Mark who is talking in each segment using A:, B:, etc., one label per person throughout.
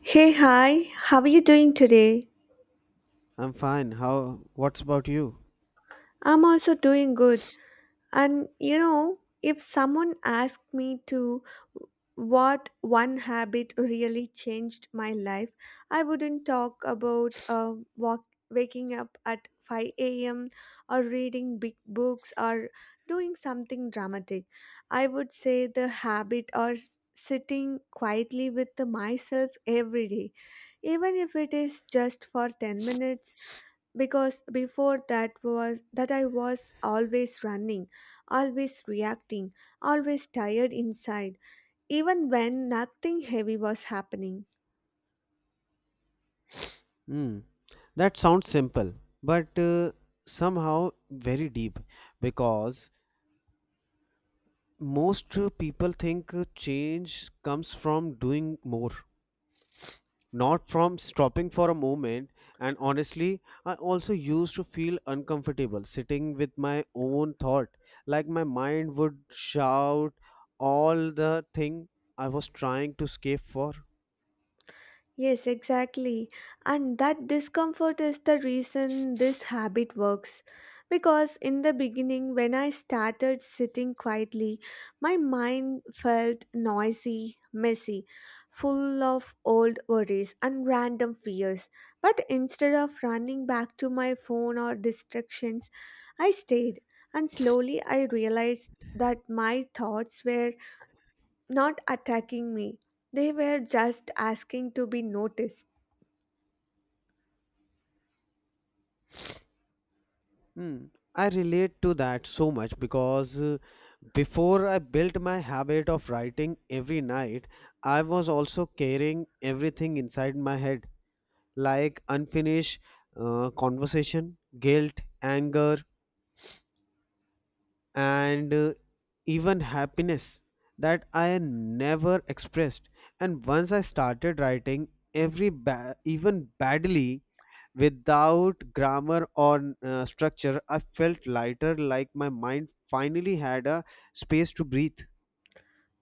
A: Hey, hi, how are you doing today?
B: I'm fine. What's about you?
A: I'm also doing good. And you know, if someone asked me to what one habit really changed my life, I wouldn't talk about waking up at 5 a.m. or reading big books or doing something dramatic. I would say the habit or sitting quietly with myself every day, even if it is just for 10 minutes, because before that was that I was always running, always reacting, always tired inside, even when nothing heavy was happening.
B: Hmm, that sounds simple, but somehow very deep because most people think change comes from doing more, not from stopping for a moment. And honestly, I also used to feel uncomfortable sitting with my own thought, like my mind would shout all the thing I was trying to escape for.
A: Yes, exactly. And that discomfort is the reason this habit works. Because in the beginning, when I started sitting quietly, my mind felt noisy, messy, full of old worries and random fears. But instead of running back to my phone or distractions, I stayed. And slowly I realized that my thoughts were not attacking me, they were just asking to be noticed.
B: Hmm, I relate to that so much because before I built my habit of writing every night, I was also carrying everything inside my head, like unfinished conversation, guilt, anger, and even happiness that I never expressed. And once I started writing, even badly without grammar or structure, I felt lighter, like my mind finally had a space to breathe.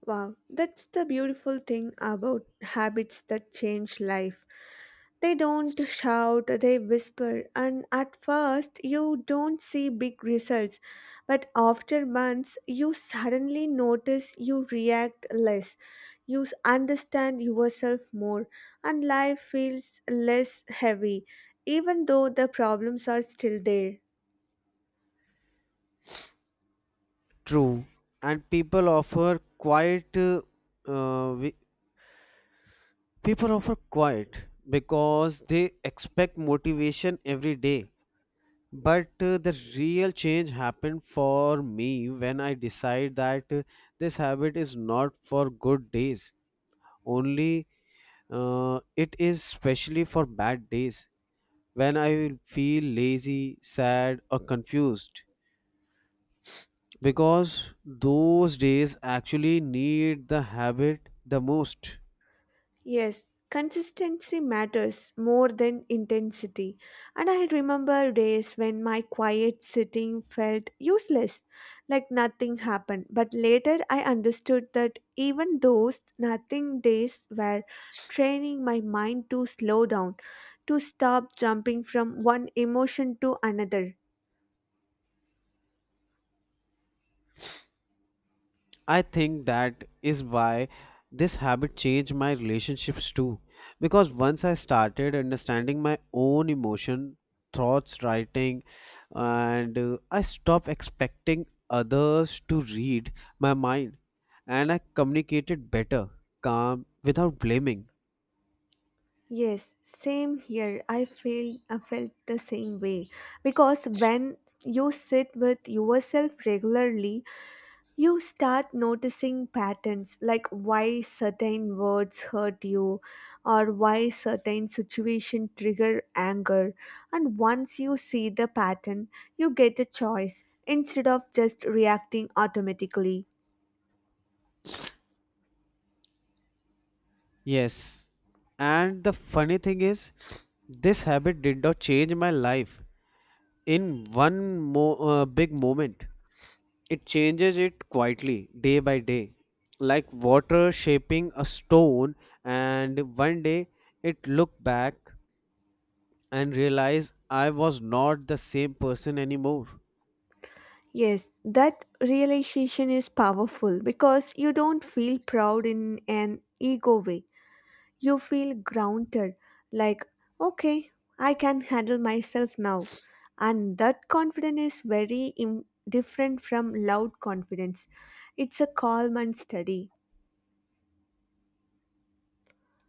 A: Wow, that's the beautiful thing about habits that change life. They don't shout, they whisper, and at first you don't see big results, but after months you suddenly notice you react less, you understand yourself more, and life feels less heavy, even though the problems are still there.
B: True, and people offer quiet. Uh, we, People offer quiet because they expect motivation every day. But the real change happened for me when I decide that this habit is not for good days. Only, it is specially for bad days, when I feel lazy, sad, or confused. Because those days actually need the habit the most.
A: Yes, consistency matters more than intensity. And I remember days when my quiet sitting felt useless, like nothing happened. But later I understood that even those nothing days were training my mind to slow down, to stop jumping from one emotion to another.
B: I think that is why this habit changed my relationships too. Because once I started understanding my own emotion, thoughts, writing, and I stopped expecting others to read my mind and I communicated better, calm, without blaming.
A: Yes, same here. I felt the same way because when you sit with yourself regularly, you start noticing patterns, like why certain words hurt you or why certain situations trigger anger. And once you see the pattern, you get a choice instead of just reacting automatically.
B: Yes. And the funny thing is, this habit did not change my life in one big moment. It changes it quietly, day by day, like water shaping a stone. And one day it looked back and realized I was not the same person anymore.
A: Yes, that realization is powerful because you don't feel proud in an ego way. You feel grounded, like, okay, I can handle myself now. And that confidence is very different from loud confidence. It's a calm and steady.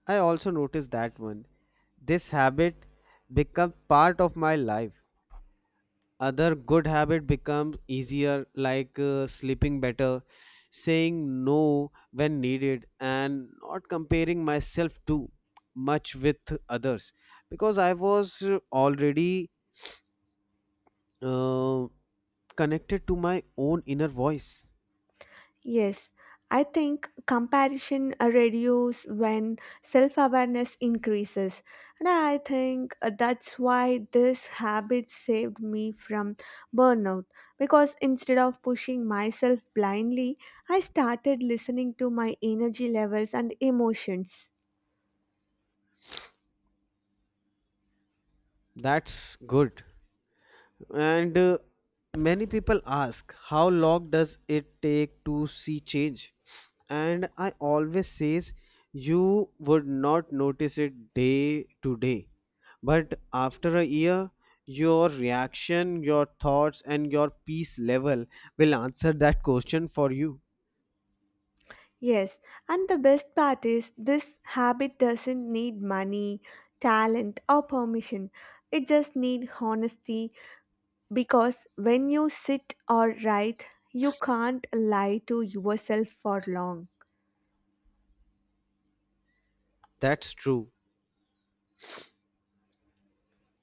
B: I also noticed that one. This habit became part of my life, other good habit becomes easier, like sleeping better, saying no when needed, and not comparing myself too much with others, because I was already uh, connected to my own inner voice.
A: Yes, I think comparison reduces when self awareness increases. And I think that's why this habit saved me from burnout, because instead of pushing myself blindly, I started listening to my energy levels and emotions.
B: That's good. And many people ask, how long does it take to see change? And I always says, you would not notice it day to day. But after a year, your reaction, your thoughts, and your peace level will answer that question for you.
A: Yes, and the best part is this habit doesn't need money, talent, or permission. It just needs honesty. Because when you sit or write, you can't lie to yourself for long.
B: That's true.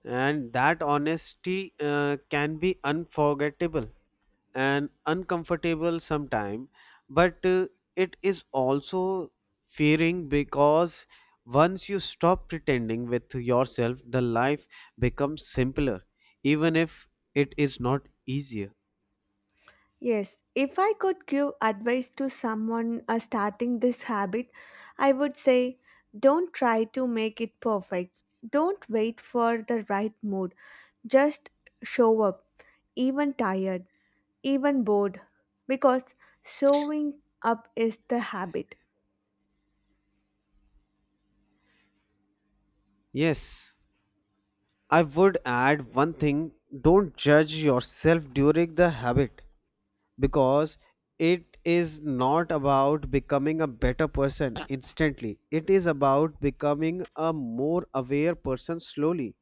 B: And that honesty can be unforgettable and uncomfortable sometime, but it is also fearing, because once you stop pretending with yourself, the life becomes simpler, even if it is not easier.
A: Yes, if I could give advice to someone starting this habit, I would say don't try to make it perfect. Don't wait for the right mood. Just show up, even tired, even bored, because showing up is the habit.
B: Yes, I would add one thing: don't judge yourself during the habit, because it is not about becoming a better person instantly, it is about becoming a more aware person slowly.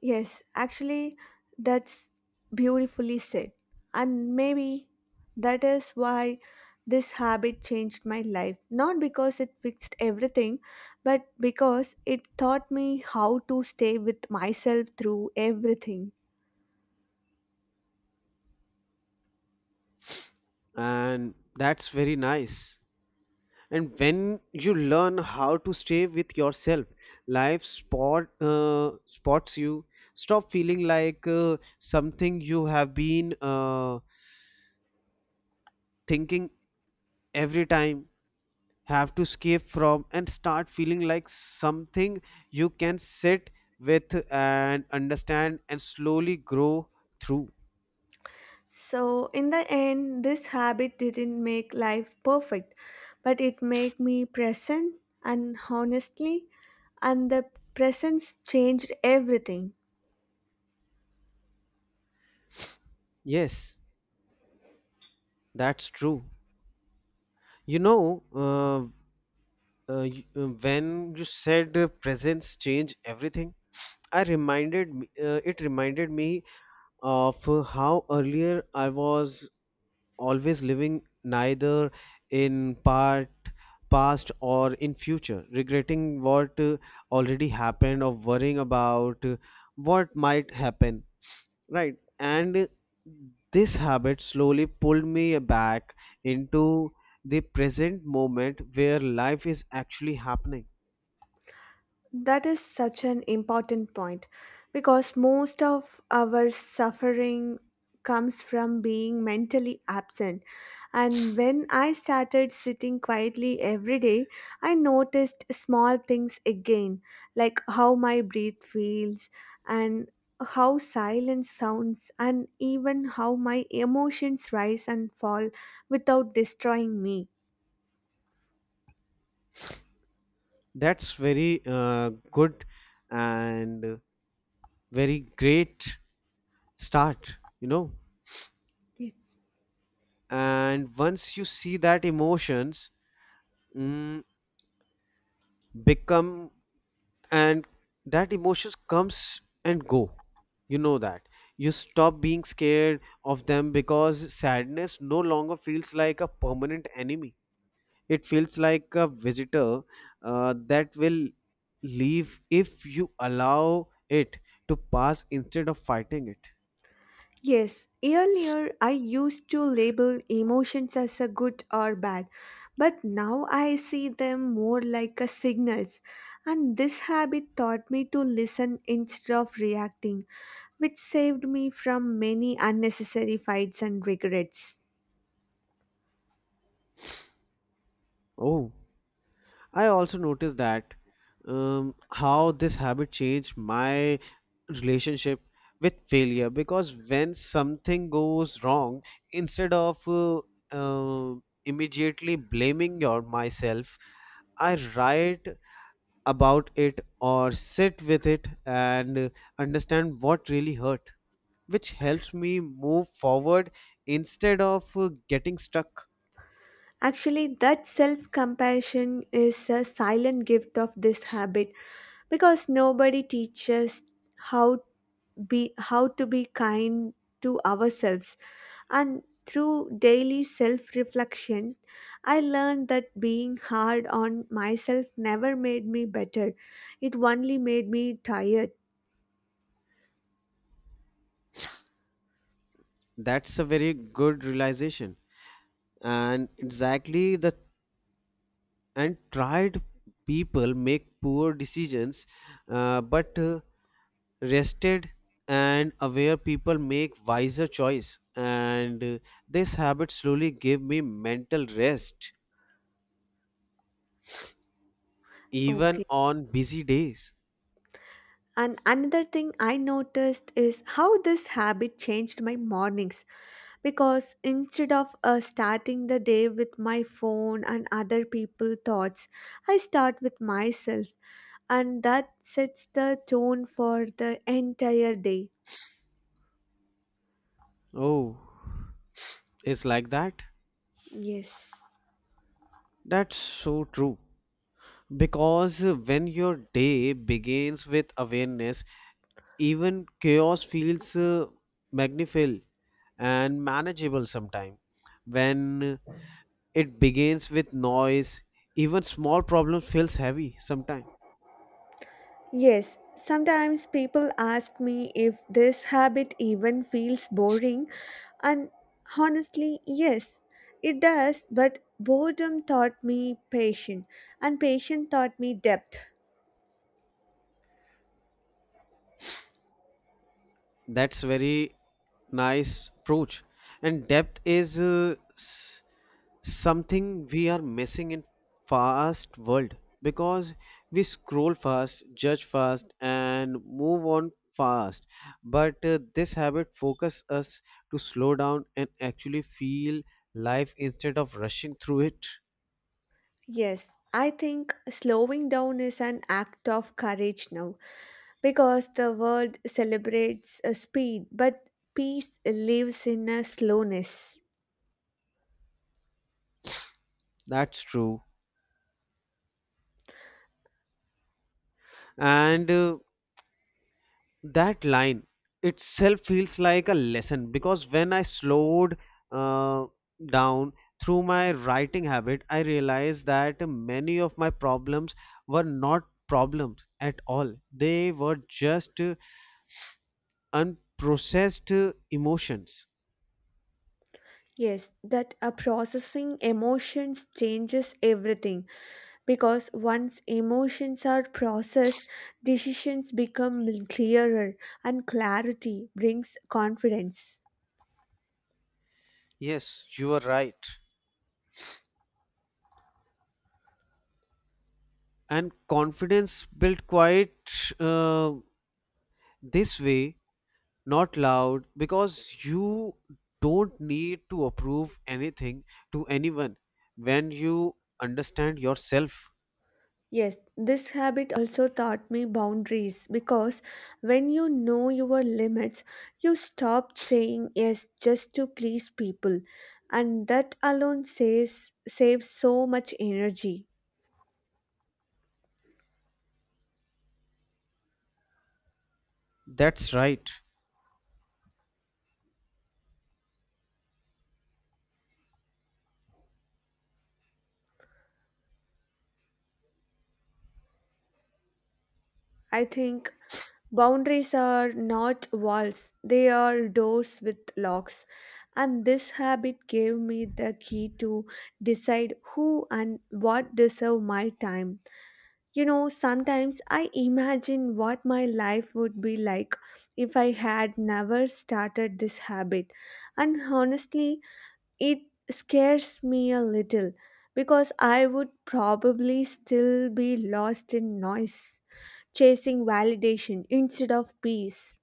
A: Yes, actually, that's beautifully said. And maybe that is why this habit changed my life. Not because it fixed everything, but because it taught me how to stay with myself through everything.
B: And that's very nice. And when you learn how to stay with yourself, life spots you, stop feeling like something you have been thinking every time have to escape from, and start feeling like something you can sit with and understand and slowly grow through.
A: So, in the end, this habit didn't make life perfect, but it made me present, and honestly, and the presence changed everything.
B: Yes, that's true. you know uh, when you said presence change everything, it reminded me of how earlier I was always living neither in part past or in future, regretting what already happened, or worrying about what might happen, right, and this habit slowly pulled me back into the present moment where life is actually happening.
A: That is such an important point, because most of our suffering comes from being mentally absent. And when I started sitting quietly every day, I noticed small things again, like how my breath feels and how silence sounds, and even how my emotions rise and fall without destroying me.
B: That's very good and very great start.
A: Yes.
B: And once you see that mm, become and emotions comes and go, you know that. You stop being scared of them because sadness no longer feels like a permanent enemy. It feels like a visitor that will leave if you allow it to pass instead of fighting it.
A: Yes, earlier I used to label emotions as a good or bad, but now I see them more like a signals. And this habit taught me to listen instead of reacting, which saved me from many unnecessary fights and regrets.
B: Oh, I also noticed that, how this habit changed my relationship with failure, because when something goes wrong, instead of uh, immediately blaming your myself, I write about it or sit with it and understand what really hurt, which helps me move forward instead of getting stuck.
A: Actually, that self compassion is a silent gift of this habit because nobody teaches how how to be kind to ourselves. And through daily self reflection, I learned that being hard on myself never made me better. It only made me tired.
B: That's a very good realization. And exactly, the and tried people make poor decisions, but rested and aware people make wiser choice, and this habit slowly gave me mental rest even
A: Okay.
B: on busy days.
A: And another thing I noticed is how this habit changed my mornings, because instead of starting the day with my phone and other people's thoughts, I start with myself, and that sets the tone for the entire day.
B: Oh, it's like that.
A: Yes.
B: That's so true. Because when your day begins with awareness, even chaos feels magnificent and manageable sometimes. When it begins with noise, even small problem feels heavy sometimes.
A: Yes, sometimes people ask me if this habit even feels boring, and honestly, yes, it does, but boredom taught me patience, and patience taught me depth.
B: That's very nice approach. And depth is something we are missing in fast world, because we scroll fast, judge fast, and move on fast, but this habit focus us to slow down and actually feel life instead of rushing through it.
A: Yes, I think slowing down is an act of courage now because the world celebrates a speed, but peace lives in a slowness.
B: That's true. And that line itself feels like a lesson because when I slowed uh, down through my writing habit, I realized that many of my problems were not problems at all, they were just unprocessed emotions.
A: Yes, that a processing emotions changes everything because once emotions are processed, decisions become clearer and clarity brings confidence.
B: Yes, you are right. And confidence built quite uh, this way, not loud, because you don't need to approve anything to anyone when you understand yourself.
A: Yes, this habit also taught me boundaries, because when you know your limits, you stop saying yes just to please people, and that alone saves so much energy.
B: That's right.
A: I think boundaries are not walls, they are doors with locks. And this habit gave me the key to decide who and what deserve my time. You know, sometimes I imagine what my life would be like if I had never started this habit. And honestly, it scares me a little because I would probably still be lost in noise, chasing validation instead of peace.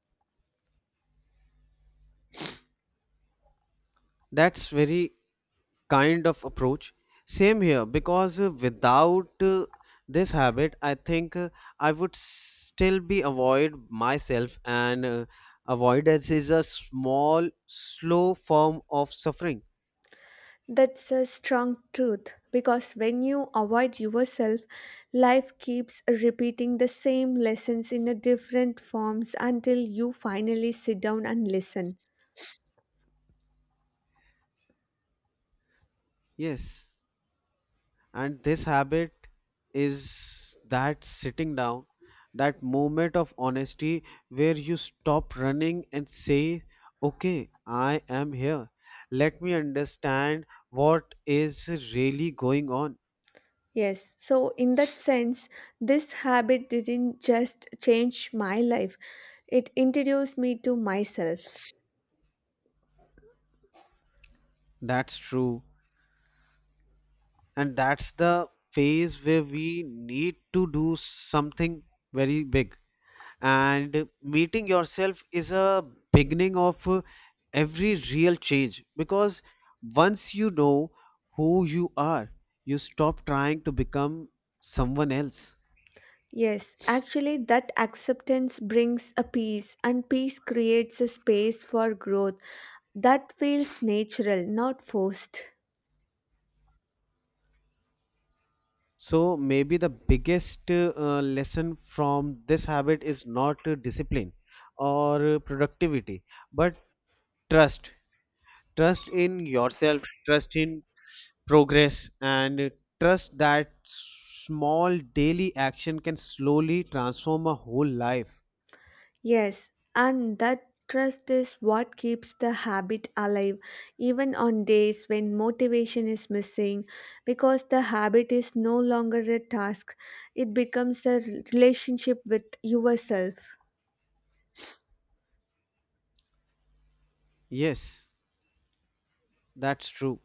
B: That's very kind of approach. Same here, because without this habit, I think I would still be avoid myself, and avoidance is a small slow form of suffering.
A: That's a strong truth, because when you avoid yourself, life keeps repeating the same lessons in a different forms until you finally sit down and listen.
B: Yes. And this habit is that sitting down, that moment of honesty where you stop running and say, okay, I am here, let me understand what is really going on.
A: Yes, so in that sense, this habit didn't just change my life, it introduced me to myself.
B: That's true. And that's the phase where we need to do something very big. And meeting yourself is a beginning of every real change, because once you know who you are, you stop trying to become someone else.
A: Yes, actually, that acceptance brings a peace, and peace creates a space for growth that feels natural, not forced.
B: So maybe the biggest lesson from this habit is not discipline or productivity, but trust. Trust in yourself, trust in progress, and trust that small daily action can slowly transform a whole life.
A: Yes, and that trust is what keeps the habit alive, even on days when motivation is missing, because the habit is no longer a task, it becomes a relationship with yourself.
B: Yes, that's true.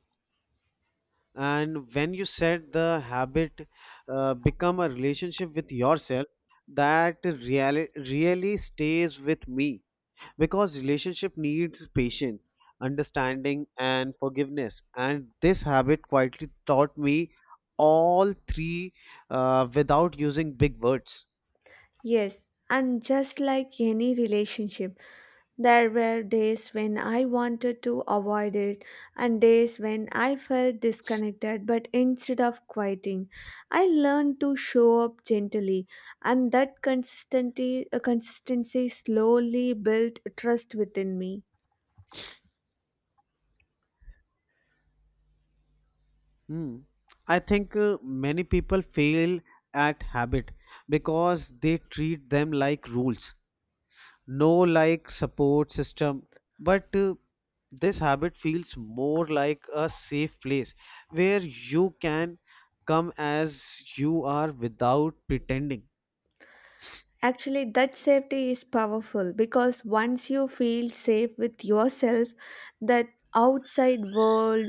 B: And when you said the habit become a relationship with yourself, that really, really stays with me, because relationship needs patience, understanding, and forgiveness. And this habit quietly taught me all three without using big words.
A: Yes, and just like any relationship, there were days when I wanted to avoid it and days when I felt disconnected, but instead of quitting, I learned to show up gently, and that consistency slowly built trust within me.
B: Hmm. I think many people fail at habit because they treat them like rules, no, like support system. But this habit feels more like a safe place where you can come as you are without pretending.
A: Actually, that safety is powerful because once you feel safe with yourself, that outside world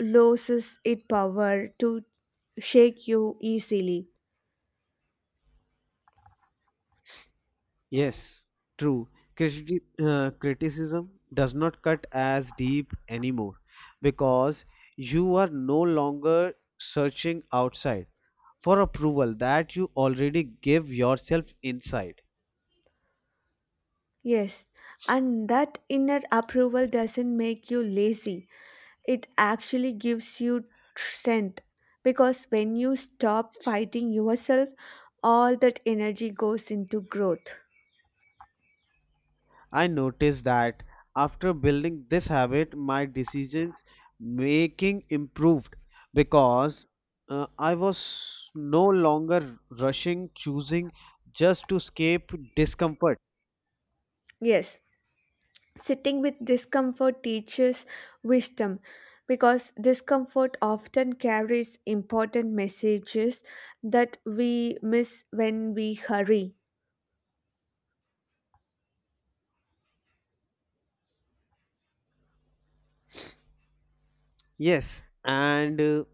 A: loses its power to shake you easily.
B: Yes, true. Criticism does not cut as deep anymore, because you are no longer searching outside for approval that you already give yourself inside.
A: Yes, and that inner approval doesn't make you lazy. It actually gives you strength, because when you stop fighting yourself, all that energy goes into growth.
B: I noticed that after building this habit, my decisions making improved, because I was no longer rushing, choosing just to escape discomfort.
A: Yes, sitting with discomfort teaches wisdom because discomfort often carries important messages that we miss when we hurry.
B: Yes, and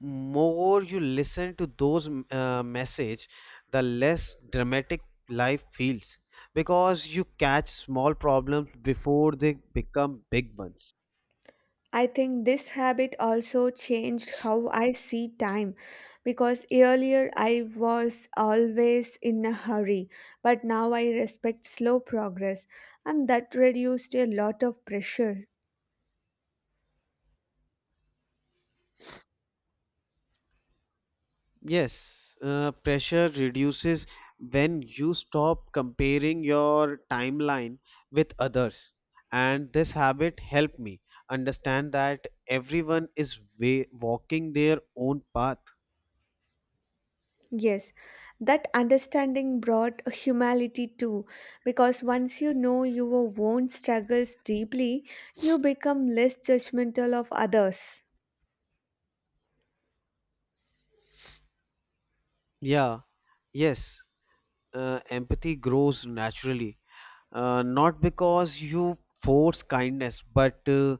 B: more you listen to those message, the less dramatic life feels because you catch small problems before they become big ones.
A: I think this habit also changed how I see time, because earlier I was always in a hurry, but now I respect slow progress, and that reduced a lot of pressure.
B: Yes, pressure reduces when you stop comparing your timeline with others, and this habit helped me understand that everyone is walking their own path.
A: Yes, that understanding brought humility too, because once you know your own struggles deeply, you become less judgmental of others.
B: Yeah, yes. Empathy grows naturally, not because you force kindness, but uh,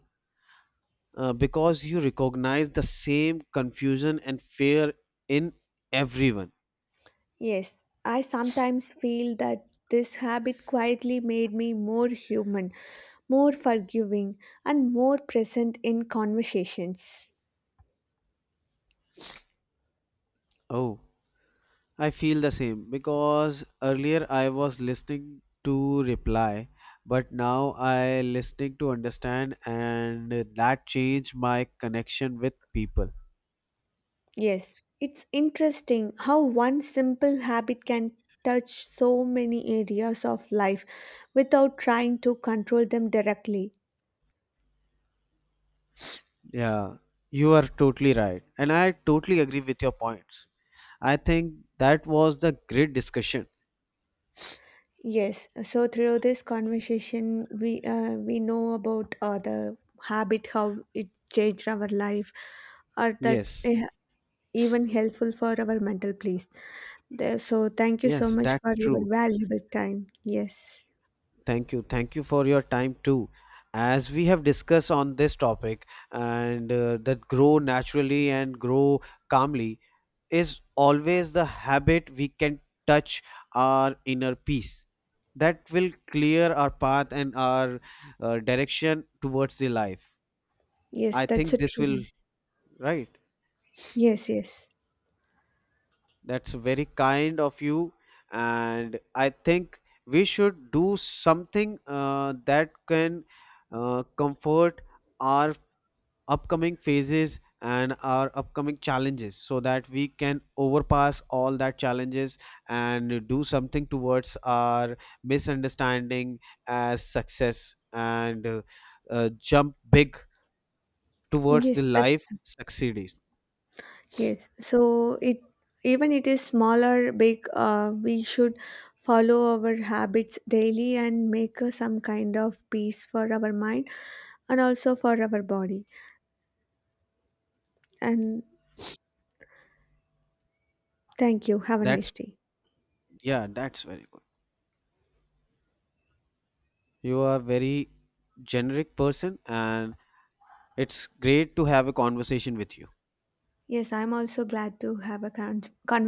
B: uh, because you recognize the same confusion and fear in everyone.
A: Yes, I sometimes feel that this habit quietly made me more human, more forgiving, and more present in conversations.
B: Oh, I feel the same because earlier I was listening to reply, but now I listening to understand, and that changed my connection with people.
A: Yes, it's interesting how one simple habit can touch so many areas of life without trying to control them directly.
B: Yeah, you are totally right. And I totally agree with your points. I think that was the great discussion.
A: Yes, so through this conversation, we know about the habit, how it changed our life, or that
B: Yes,
A: eh, even helpful for our mental peace. There- So thank you so
B: yes,
A: much
B: that's
A: for your
B: true.
A: valuable time. Yes,
B: Thank you. Thank you for your time too. As we have discussed on this topic, and that grow naturally and grow calmly is always the habit we can touch our inner peace. That will clear our path and our direction towards the life.
A: yes,
B: I
A: that's
B: think
A: a
B: this
A: true
B: will,
A: one.
B: right?
A: Yes, yes,
B: That's very kind of you, and I think we should do something that can comfort our upcoming phases and our upcoming challenges so that we can overpass all that challenges and do something towards our misunderstanding as success, and jump big towards the
A: yes. That,
B: life succeeding.
A: yes, so it even it is smaller, big, we should follow our habits daily and make some kind of peace for our mind and also for our body. And thank you. Have a
B: That's
A: nice day.
B: Yeah, that's very good. You are very generic person and it's great to have a conversation with you.
A: Yes, I'm also glad to have a conversation.